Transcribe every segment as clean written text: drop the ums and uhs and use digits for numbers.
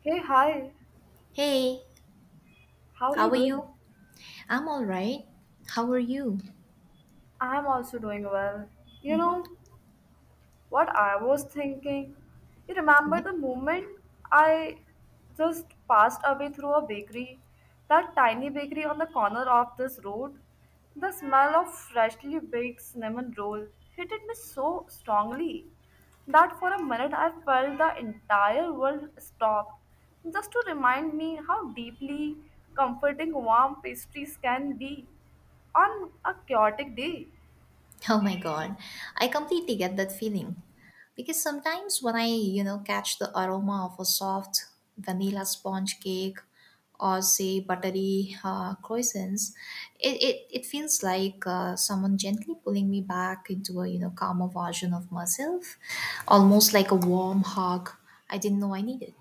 Hey, hi, Hey, how are how you are doing? you? I'm all right. How are you? I'm also doing well. You Mm-hmm. know, what I was thinking. You remember Yeah. the moment I just passed away through a bakery? That tiny bakery on the corner of this road? The smell of freshly baked cinnamon roll hit me so strongly that for a minute I felt the entire world stopped just to remind me how deeply comforting warm pastries can be on a chaotic day. Oh my God, I completely get that feeling. Because sometimes when I, catch the aroma of a soft vanilla sponge cake or say buttery croissants, it feels like someone gently pulling me back into a, calmer version of myself, almost like a warm hug I didn't know I needed.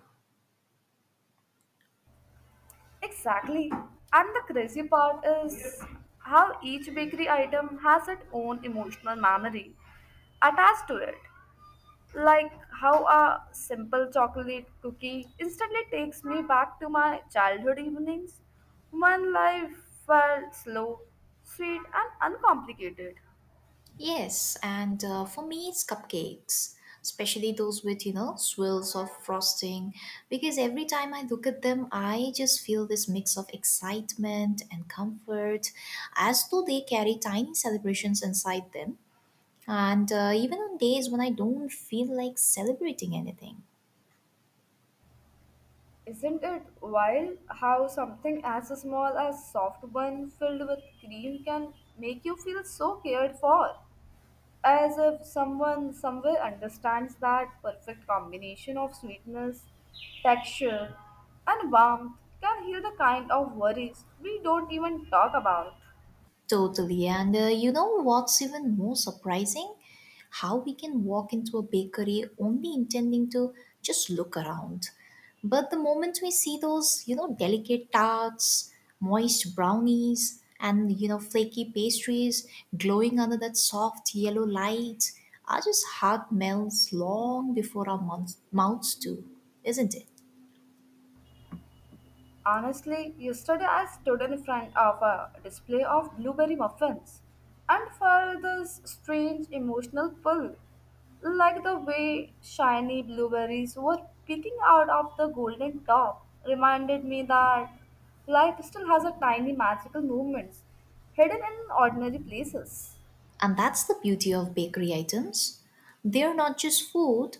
Exactly. And the crazy part is how each bakery item has its own emotional memory attached to it. Like how a simple chocolate cookie instantly takes me back to my childhood evenings when life felt slow, sweet, and uncomplicated. Yes, and for me, it's cupcakes, especially those with, swirls of frosting. Because every time I look at them, I just feel this mix of excitement and comfort, as though they carry tiny celebrations inside them. And even on days when I don't feel like celebrating anything. Isn't it wild how something as small as soft bun filled with cream can make you feel so cared for, as if someone somewhere understands that perfect combination of sweetness, texture, and warmth can heal the kind of worries we don't even talk about. Totally. And you know what's even more surprising? How we can walk into a bakery only intending to just look around. But the moment we see those, delicate tarts, moist brownies, and, flaky pastries glowing under that soft yellow light, our just heart melts long before our mouths do, isn't it? Honestly, yesterday I stood in front of a display of blueberry muffins and felt this strange emotional pull, like the way shiny blueberries were peeking out of the golden top, reminded me that life still has a tiny magical moments hidden in ordinary places. And that's the beauty of bakery items. They're not just food,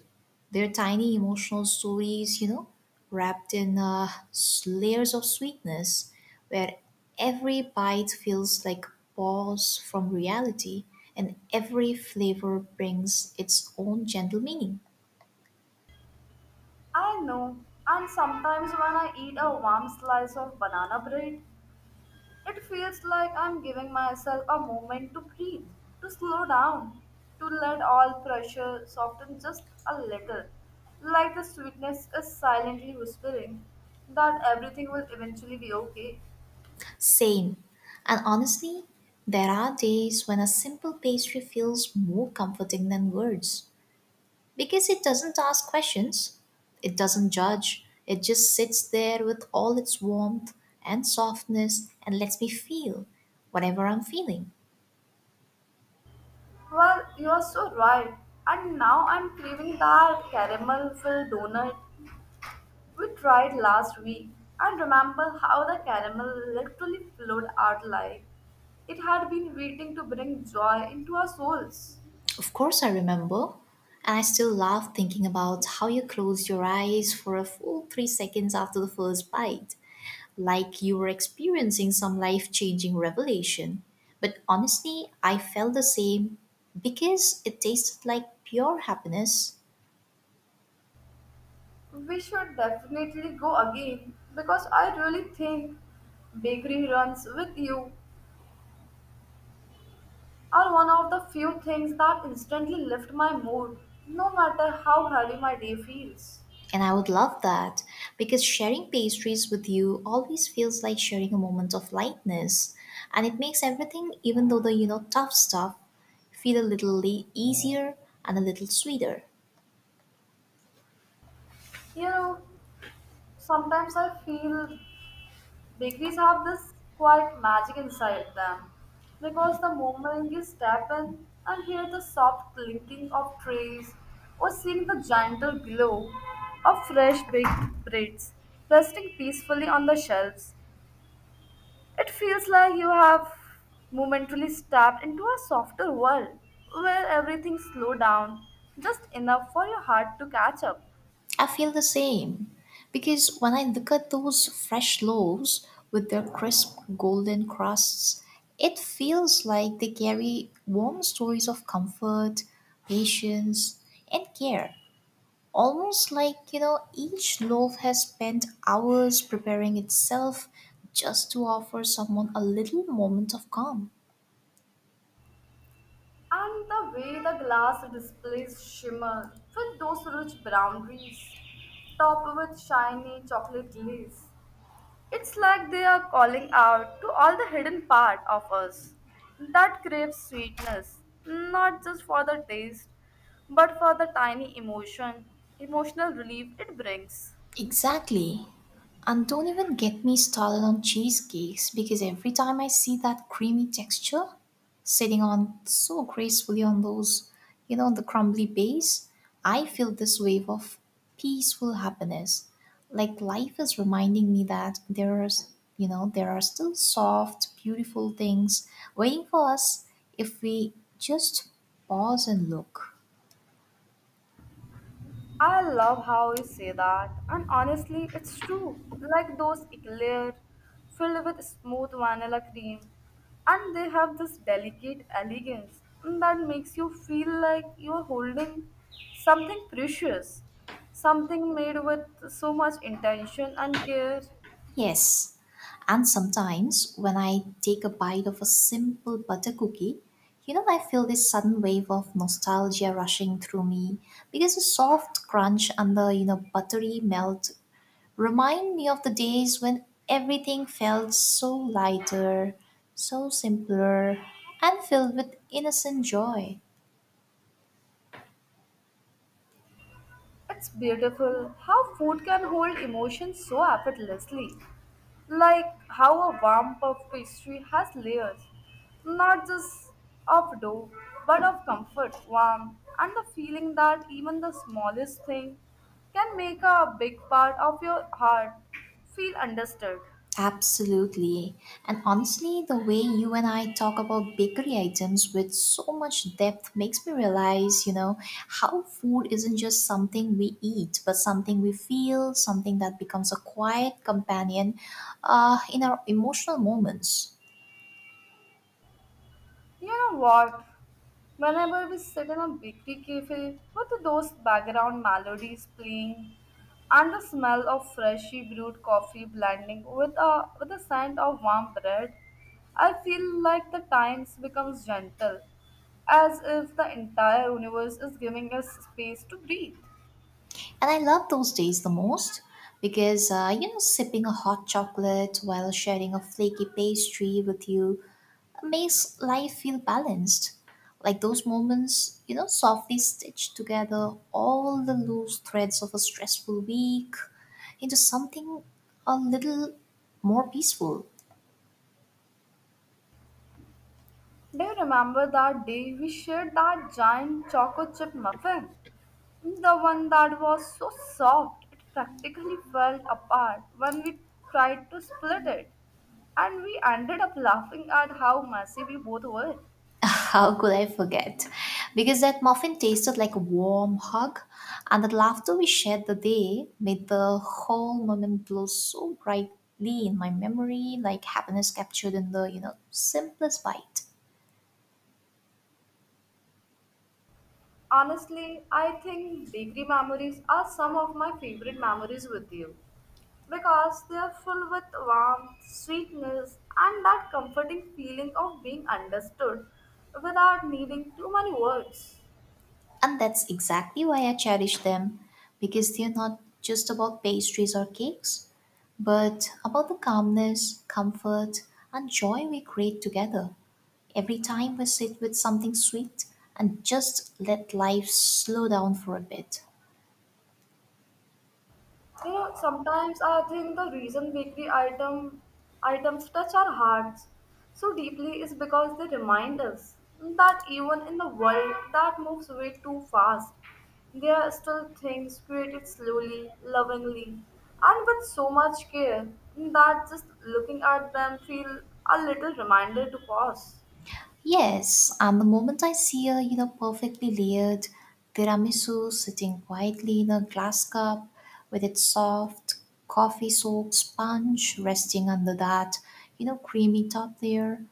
they're tiny emotional stories, wrapped in layers of sweetness, where every bite feels like pause from reality and every flavor brings its own gentle meaning. I know, and sometimes when I eat a warm slice of banana bread, it feels like I'm giving myself a moment to breathe, to slow down, to let all pressure soften just a little, like the sweetness is silently whispering that everything will eventually be okay. Same. And honestly, there are days when a simple pastry feels more comforting than words. Because it doesn't ask questions, it doesn't judge, it just sits there with all its warmth and softness and lets me feel whatever I'm feeling. Well, you're so right. And now I'm craving that caramel filled donut we tried last week. And remember how the caramel literally flowed out like it had been waiting to bring joy into our souls. Of course, I remember, and I still laugh thinking about how you closed your eyes for a full 3 seconds after the first bite, like you were experiencing some life changing revelation. But honestly, I felt the same because it tasted like pure happiness. We should definitely go again because I really think bakery runs with you are one of the few things that instantly lift my mood, no matter how heavy my day feels. And I would love that because sharing pastries with you always feels like sharing a moment of lightness. And it makes everything, even though the tough stuff, feel a little easier and a little sweeter. You know, sometimes I feel bakeries have this quiet magic inside them because the moment you step in and hear the soft clinking of trays or seeing the gentle glow of fresh baked breads resting peacefully on the shelves, it feels like you have momentarily stepped into a softer world where everything slows down just enough for your heart to catch up. I feel the same because when I look at those fresh loaves with their crisp golden crusts, it feels like they carry warm stories of comfort, patience, and care. Almost like each loaf has spent hours preparing itself just to offer someone a little moment of calm. And the way the glass displays shimmer with those rich brown wreaths, topped with shiny chocolate glaze. It's like they are calling out to all the hidden part of us that craves sweetness, not just for the taste, but for the tiny emotional relief it brings. Exactly. And don't even get me started on cheesecakes because every time I see that creamy texture sitting on so gracefully on those, the crumbly base, I feel this wave of peaceful happiness. Like life is reminding me that there are, there are still soft, beautiful things waiting for us if we just pause and look. I love how you say that, and honestly, it's true. Like those eclair filled with smooth vanilla cream, and they have this delicate elegance that makes you feel like you're holding something precious, something made with so much intention and care. Yes, and sometimes when I take a bite of a simple butter cookie, I feel this sudden wave of nostalgia rushing through me because the soft crunch and the, buttery melt remind me of the days when everything felt so lighter, so simpler, and filled with innocent joy. It's beautiful how food can hold emotions so effortlessly. Like how a warm puff pastry has layers, not just of dough, but of comfort, warmth, and the feeling that even the smallest thing can make a big part of your heart feel understood. Absolutely. And honestly, the way you and I talk about bakery items with so much depth makes me realize, how food isn't just something we eat, but something we feel, something that becomes a quiet companion in our emotional moments. You know what? Whenever we sit in a bakery cafe with those background melodies playing and the smell of freshly brewed coffee blending with the scent of warm bread, I feel like the times becomes gentle, as if the entire universe is giving us space to breathe. And I love those days the most because, you know, sipping a hot chocolate while sharing a flaky pastry with you makes life feel balanced. Like those moments, softly stitch together all the loose threads of a stressful week into something a little more peaceful. Do you remember that day we shared that giant chocolate chip muffin? The one that was so soft it practically fell apart when we tried to split it. And we ended up laughing at how messy we both were. How could I forget? Because that muffin tasted like a warm hug, and the laughter we shared the day made the whole moment glow so brightly in my memory, like happiness captured in the, simplest bite. Honestly, I think bakery memories are some of my favorite memories with you because they are full with warmth, sweetness, and that comforting feeling of being understood without needing too many words. And that's exactly why I cherish them, because they're not just about pastries or cakes, but about the calmness, comfort, and joy we create together. Every time we sit with something sweet and just let life slow down for a bit. You know, sometimes I think the reason bakery items touch our hearts so deeply is because they remind us that even in the world that moves way too fast, there are still things created slowly, lovingly, and with so much care that just looking at them feel a little reminder to pause. Yes, and the moment I see a perfectly layered tiramisu sitting quietly in a glass cup with its soft coffee-soaked sponge resting under that creamy top layer,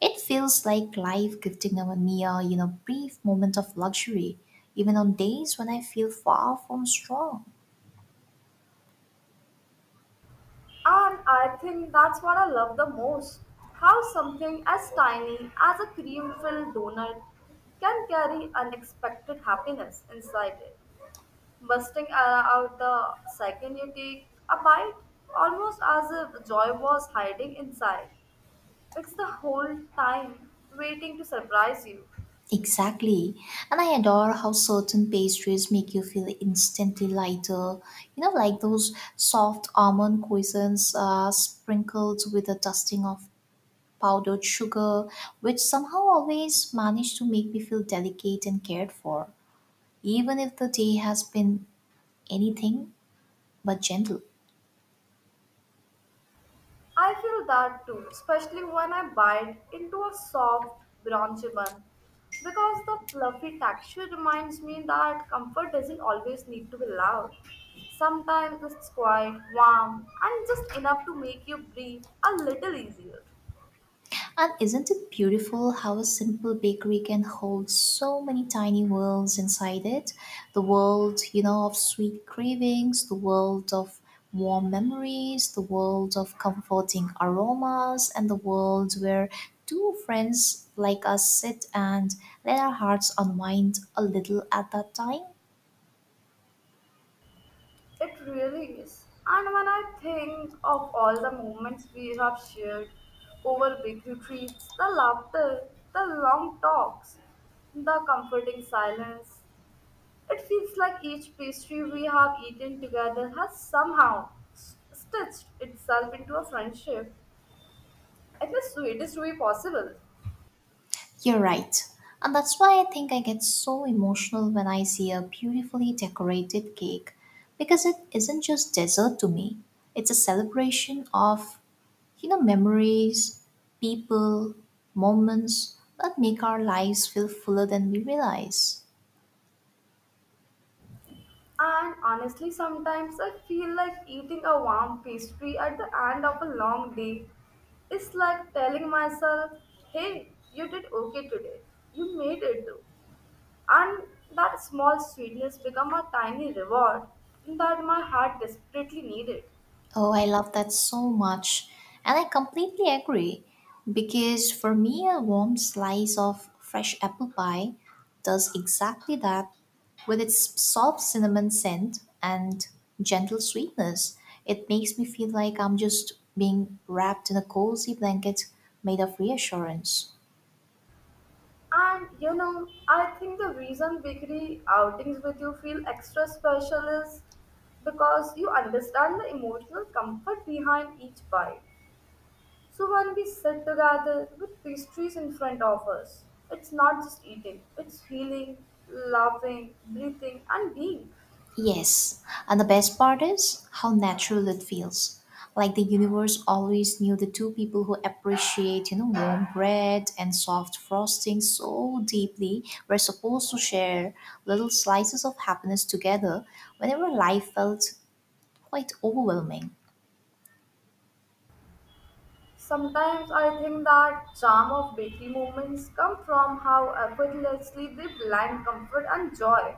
it feels like life gifting me a brief moment of luxury, even on days when I feel far from strong. And I think that's what I love the most, how something as tiny as a cream filled donut can carry unexpected happiness inside it, bursting out the second you take a bite, almost as if joy was hiding inside. It's the whole time waiting to surprise you. Exactly. And I adore how certain pastries make you feel instantly lighter. You know, like those soft almond croissants sprinkled with a dusting of powdered sugar, which somehow always manage to make me feel delicate and cared for, even if the day has been anything but gentle. I feel that too, especially when I bite into a soft bronze bun, because the fluffy texture reminds me that comfort doesn't always need to be loud. Sometimes it's quiet, warm, and just enough to make you breathe a little easier. And isn't it beautiful how a simple bakery can hold so many tiny worlds inside it? The world, of sweet cravings, the world of warm memories, the world of comforting aromas, and the world where two friends like us sit and let our hearts unwind a little at that time. It really is. And when I think of all the moments we have shared over bakery treats, the laughter, the long talks, the comforting silence, it feels like each pastry we have eaten together has somehow stitched itself into a friendship in the sweetest way possible. You're right. And that's why I think I get so emotional when I see a beautifully decorated cake because it isn't just dessert to me. It's a celebration of, memories, people, moments that make our lives feel fuller than we realize. And honestly, sometimes I feel like eating a warm pastry at the end of a long day is like telling myself, hey, you did okay today. You made it though, and that small sweetness become a tiny reward that my heart desperately needed. Oh, I love that so much. And I completely agree because for me, a warm slice of fresh apple pie does exactly that with its soft cinnamon scent and gentle sweetness. It makes me feel like I'm just being wrapped in a cozy blanket made of reassurance. And you know, I think the reason bakery outings with you feel extra special is because you understand the emotional comfort behind each bite. So when we sit together with pastries in front of us, it's not just eating, it's feeling, laughing, breathing, and being. Yes, and the best part is how natural it feels. Like the universe always knew the two people who appreciate, warm bread and soft frosting so deeply were supposed to share little slices of happiness together whenever life felt quite overwhelming. Sometimes I think that charm of bakery moments come from how effortlessly they blend comfort and joy,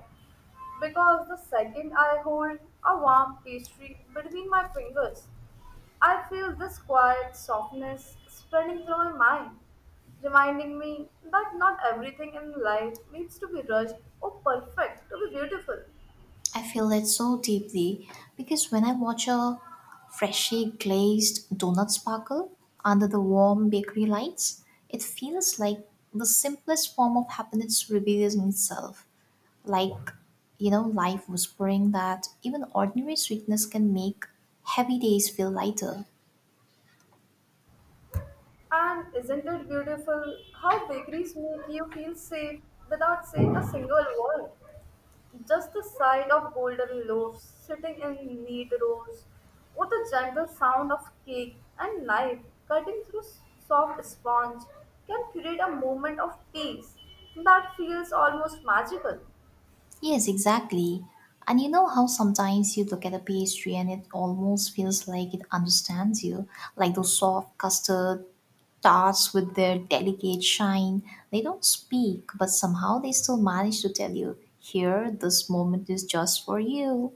because the second I hold a warm pastry between my fingers, I feel this quiet softness spreading through my mind, reminding me that not everything in life needs to be rushed or perfect to be beautiful. I feel it so deeply because when I watch a freshly glazed donut sparkle under the warm bakery lights, it feels like the simplest form of happiness revealing itself. Like, life whispering that even ordinary sweetness can make heavy days feel lighter. And isn't it beautiful how bakeries make you feel safe without saying a single word? Just the sight of golden loaves sitting in neat rows, or the gentle sound of cake and knife cutting through soft sponge, can create a moment of peace that feels almost magical. Yes, exactly. And you know how sometimes you look at a pastry and it almost feels like it understands you, like those soft custard tarts with their delicate shine. They don't speak, but somehow they still manage to tell you, here, this moment is just for you.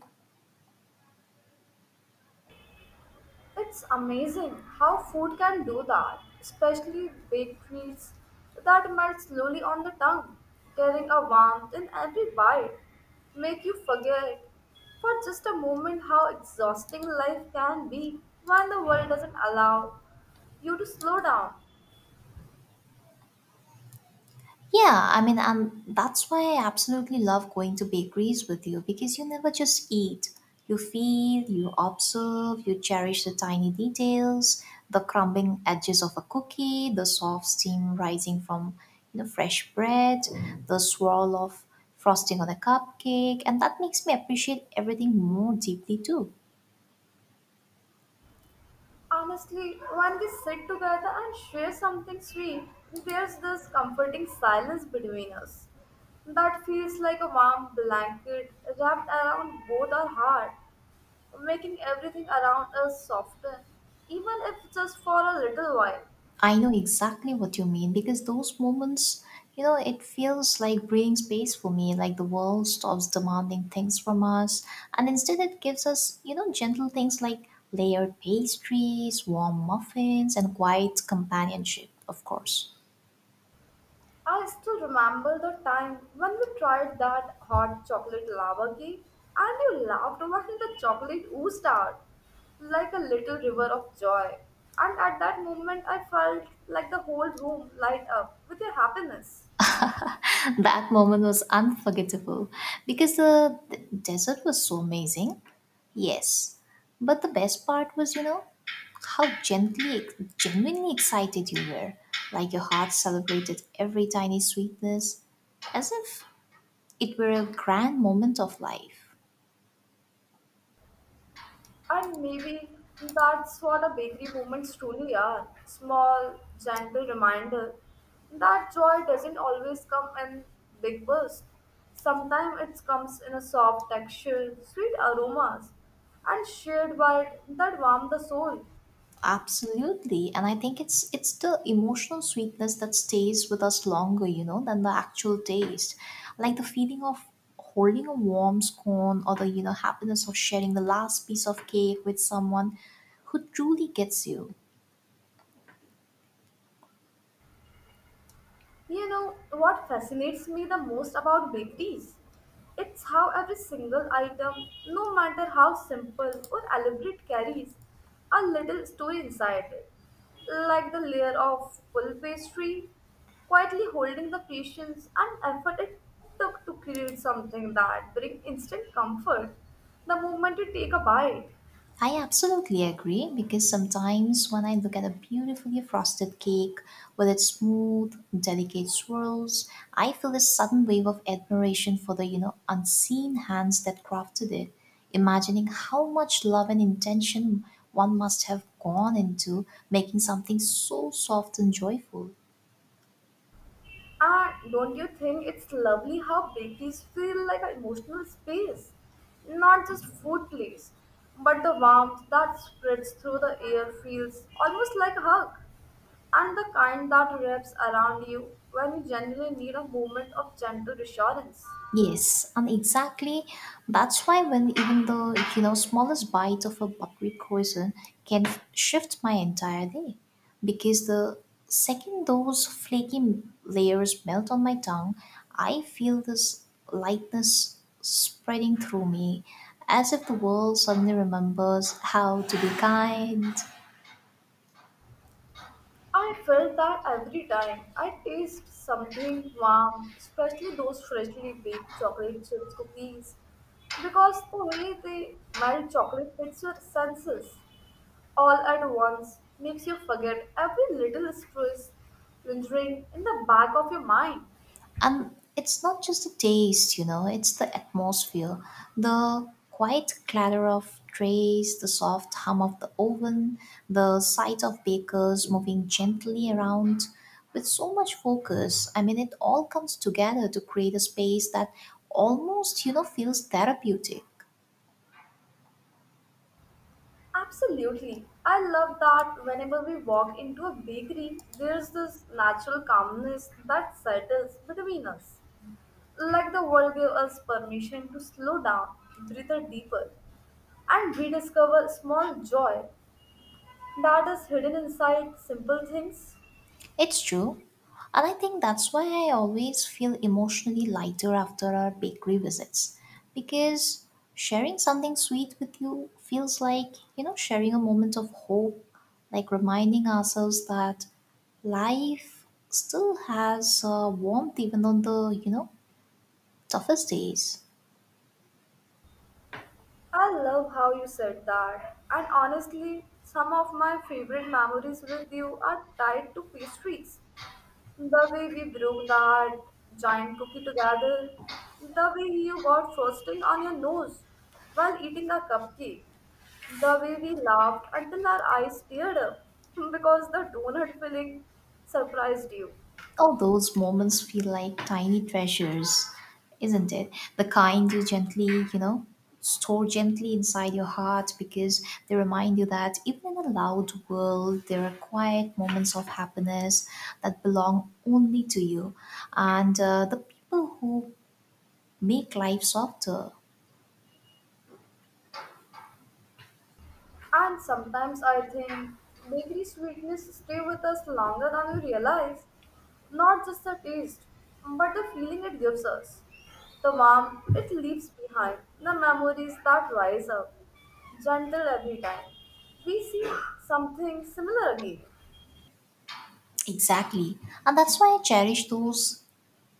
It's amazing how food can do that, especially baked treats that melt slowly on the tongue, carrying a warmth in every bite, make you forget for just a moment how exhausting life can be when the world doesn't allow you to slow down. Yeah, I mean, that's why I absolutely love going to bakeries with you because you never just eat. You feel, you observe, you cherish the tiny details, the crumbling edges of a cookie, the soft steam rising from fresh bread, the swirl of frosting on a cupcake, and that makes me appreciate everything more deeply too. Honestly, when we sit together and share something sweet, there's this comforting silence between us that feels like a warm blanket wrapped around both our heart, making everything around us softer, even if just for a little while. I know exactly what you mean because those moments, it feels like breathing space for me, like the world stops demanding things from us. And instead, it gives us, gentle things like layered pastries, warm muffins, and quiet companionship, of course. I still remember the time when we tried that hot chocolate lava cake and you laughed when the chocolate oozed out like a little river of joy. And at that moment, I felt like the whole room light up with your happiness. That moment was unforgettable because the desert was so amazing. Yes, but the best part was, how gently, genuinely excited you were. Like your heart celebrated every tiny sweetness as if it were a grand moment of life. And maybe that's what a bakery moments truly are, small, gentle reminder that joy doesn't always come in big bursts. Sometimes it comes in a soft texture, sweet aromas, and shared bite that warm the soul. Absolutely. And I think it's the emotional sweetness that stays with us longer, than the actual taste. Like the feeling of holding a warm scone or the, happiness of sharing the last piece of cake with someone who truly gets you. You know, what fascinates me the most about bakeries? It's how every single item, no matter how simple or elaborate, carries a little story inside it. Like the layer of full pastry, quietly holding the patience and effort it took to create something that brings instant comfort the moment you take a bite. I absolutely agree because sometimes when I look at a beautifully frosted cake with its smooth, delicate swirls, I feel a sudden wave of admiration for the, unseen hands that crafted it, imagining how much love and intention one must have gone into making something so soft and joyful. And don't you think it's lovely how bakeries feel like an emotional space? Not just food place, but the warmth that spreads through the air feels almost like a hug. And the kind that wraps around you when you genuinely need a moment of gentle reassurance. Yes, and exactly that's why when even the smallest bite of a buttery croissant can shift my entire day, because the second those flaky layers melt on my tongue, I feel this lightness spreading through me, as if the world suddenly remembers how to be kind. I felt that every time I taste something warm, especially those freshly baked chocolate chips cookies, because the way they melt chocolate hits your senses all at once makes you forget every little stress lingering in the back of your mind. And it's not just the taste, it's the atmosphere, the quiet clatter of trays, the soft hum of the oven, the sight of bakers moving gently around with so much focus. I mean, it all comes together to create a space that almost, feels therapeutic. Absolutely. I love that whenever we walk into a bakery, there's this natural calmness that settles between us. Like the world gave us permission to slow down, breathe deeper, and rediscover small joy that is hidden inside simple things. It's true. And I think that's why I always feel emotionally lighter after our bakery visits. Because sharing something sweet with you feels like, sharing a moment of hope, like reminding ourselves that life still has warmth even on the, toughest days. I love how you said that. And honestly, some of my favorite memories with you are tied to pastries. The way we broke that giant cookie together, the way you got frosting on your nose while eating a cupcake, the way we laughed until our eyes teared up because the donut filling surprised you. All those moments feel like tiny treasures, isn't it? The kind you gently, store gently inside your heart because they remind you that even in a loud world, there are quiet moments of happiness that belong only to you and the people who make life softer. And sometimes I think bakery sweetness stay with us longer than we realize. Not just the taste, but the feeling it gives us. The warmth it leaves behind, the memories that rise up, gentle every time. We see something similar again. Exactly. And that's why I cherish those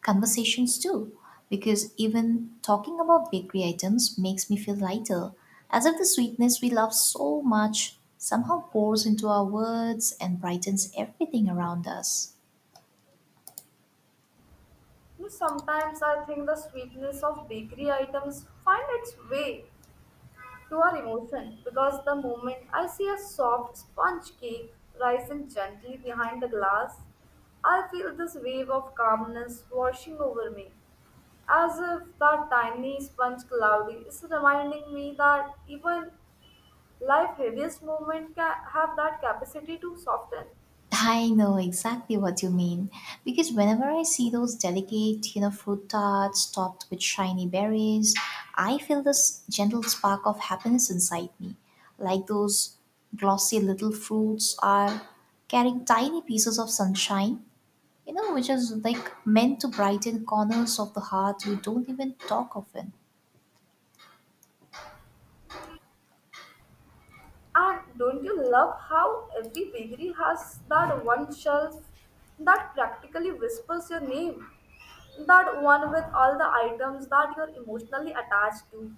conversations too, because even talking about bakery items makes me feel lighter, as if the sweetness we love so much somehow pours into our words and brightens everything around us. You know, sometimes I think the sweetness of bakery items find its way to our emotion because the moment I see a soft sponge cake rising gently behind the glass, I feel this wave of calmness washing over me, as if that tiny sponge cloudy is reminding me that even life's heaviest moment can have that capacity to soften. I know exactly what you mean because whenever I see those delicate, you know, fruit tarts topped with shiny berries, I feel this gentle spark of happiness inside me, like those glossy little fruits are carrying tiny pieces of sunshine, you know, which is like meant to brighten corners of the heart we don't even talk of it. And don't you love how every bakery has that one shelf that practically whispers your name? That one with all the items that you're emotionally attached to.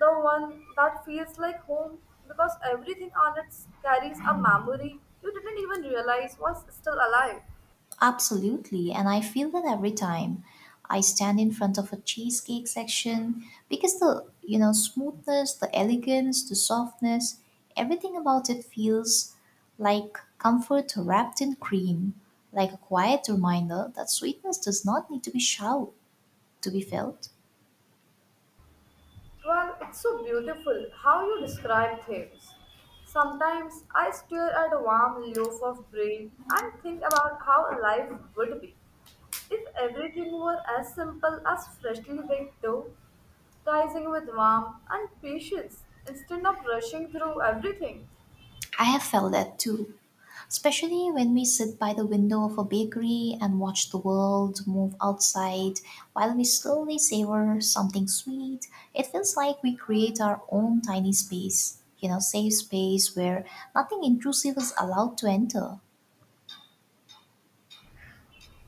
The one that feels like home because everything on it carries a memory you didn't even realize was still alive. Absolutely, and I feel that every time I stand in front of a cheesecake section because the, you know, smoothness, the elegance, the softness, everything about it feels like comfort wrapped in cream, like a quiet reminder that sweetness does not need to be shout to be felt. Well, it's so beautiful how you describe things. Sometimes I stare at a warm loaf of bread and think about how life would be if everything were as simple as freshly baked dough, rising with warmth and patience instead of rushing through everything. I have felt that too, especially when we sit by the window of a bakery and watch the world move outside while we slowly savor something sweet. It feels like we create our own tiny space, you know, safe space where nothing intrusive is allowed to enter.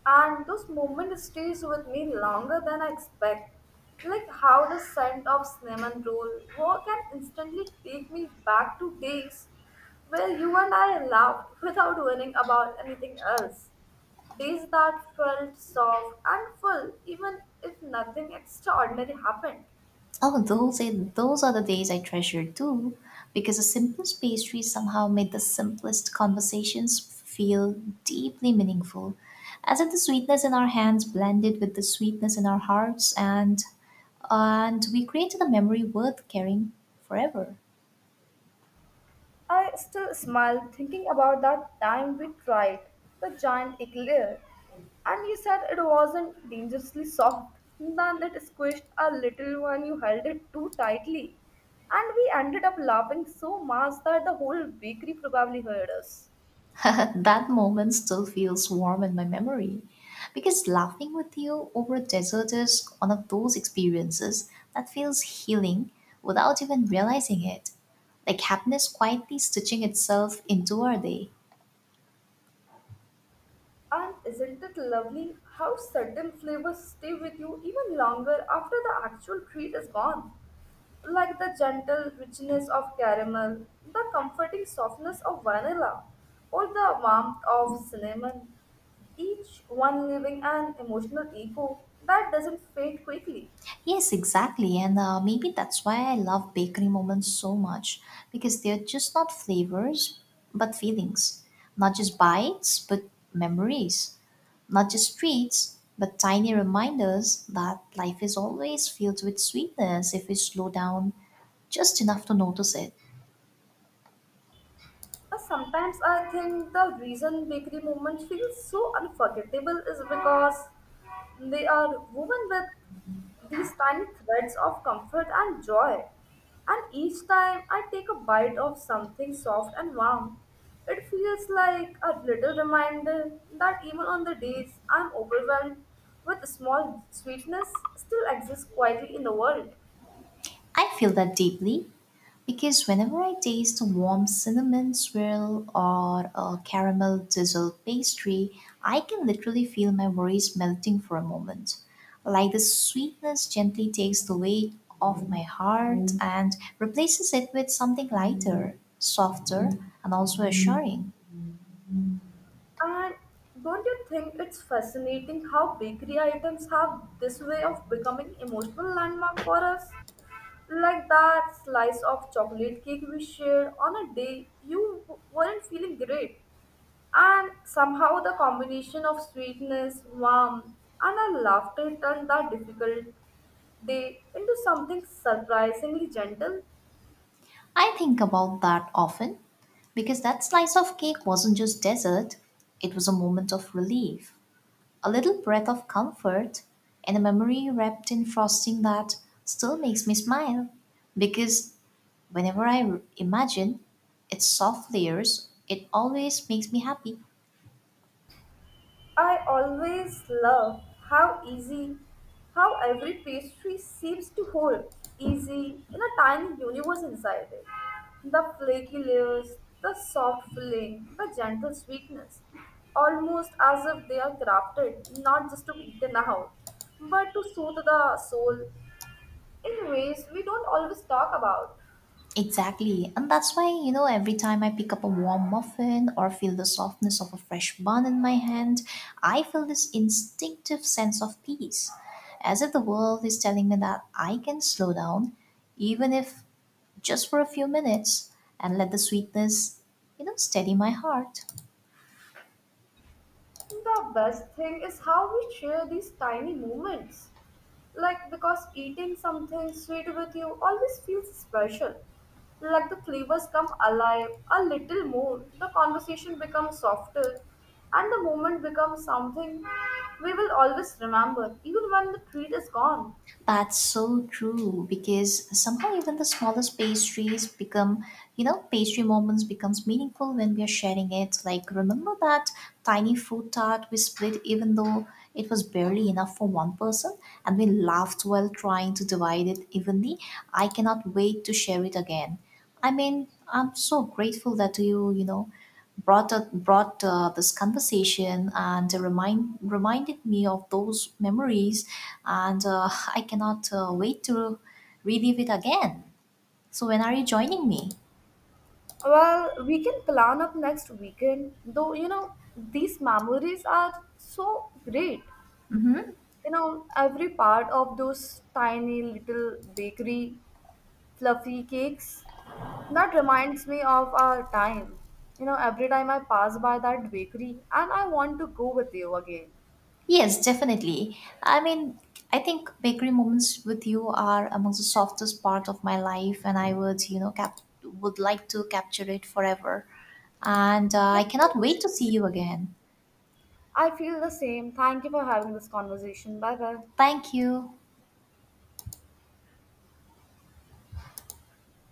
And those moments stays with me longer than I expect. Like how the scent of cinnamon roll work can instantly take me back to days where you and I laughed without worrying about anything else. Days that felt soft and full even if nothing extraordinary happened. Oh, those are the days I treasure too, because the simplest pastries somehow made the simplest conversations feel deeply meaningful, as if the sweetness in our hands blended with the sweetness in our hearts, and we created a memory worth carrying forever. I still smile thinking about that time we tried the giant eclair. And you said it wasn't dangerously soft. Then it squished a little when you held it too tightly. And we ended up laughing so much that the whole bakery probably heard us. That moment still feels warm in my memory because laughing with you over dessert is one of those experiences that feels healing without even realizing it. Like happiness quietly stitching itself into our day. And isn't it lovely how certain flavors stay with you even longer after the actual treat is gone? Like the gentle richness of caramel, the comforting softness of vanilla, or the warmth of cinnamon, each one leaving an emotional echo that doesn't fade quickly. Yes, exactly. And Maybe that's why I love bakery moments so much because they're just not flavors but feelings, not just bites but memories. Not just treats, but tiny reminders that life is always filled with sweetness if we slow down just enough to notice it. Sometimes I think the reason bakery moments feel so unforgettable is because they are woven with these tiny threads of comfort and joy. And each time I take a bite of something soft and warm, it feels like a little reminder that even on the days I'm overwhelmed with small sweetness still exists quietly in the world. I feel that deeply because whenever I taste a warm cinnamon swirl or a caramel drizzled pastry, I can literally feel my worries melting for a moment. Like the sweetness gently takes the weight off my heart and replaces it with something lighter, softer, and also assuring. And don't you think it's fascinating how bakery items have this way of becoming emotional landmark for us? Like that slice of chocolate cake we shared on a day you weren't feeling great. And somehow the combination of sweetness, warmth, and a laughter turned that difficult day into something surprisingly gentle. I think about that often because that slice of cake wasn't just dessert, it was a moment of relief, a little breath of comfort, and a memory wrapped in frosting that still makes me smile. Because whenever imagine its soft layers, it always makes me happy. I always love how easy, how every pastry seems to hold easy in a tiny universe inside it. The flaky layers, the soft filling, the gentle sweetness, almost as if they are crafted not just to be eaten out, but to soothe the soul in ways we don't always talk about. Exactly. And that's why, you know, every time I pick up a warm muffin or feel the softness of a fresh bun in my hand, I feel this instinctive sense of peace, as if the world is telling me that I can slow down, even if just for a few minutes, and let the sweetness, you know, steady my heart. The best thing is how we share these tiny moments. Like, because eating something sweet with you always feels special. Like, the flavors come alive a little more, the conversation becomes softer, and the moment becomes something we will always remember, even when the treat is gone. That's so true because somehow even the smallest pastries become, you know, pastry moments becomes meaningful when we are sharing it. Like remember that tiny fruit tart we split even though it was barely enough for one person and we laughed while trying to divide it evenly. I cannot wait to share it again. I mean, I'm so grateful that you know, brought up, brought this conversation and reminded me of those memories, and I cannot wait to relive it again. So when are you joining me? Well, we can plan up next weekend, though, you know, these memories are so great. You know, every part of those tiny little bakery fluffy cakes. That reminds me of our time. You know, every time I pass by that bakery and I want to go with you again. Yes, definitely. I mean, I think bakery moments with you are amongst the softest part of my life, and I would, you know, cap would like to capture it forever. And I I feel cannot the wait to same. see you again. I feel the same. Thank you for having this conversation. Bye bye. Thank you.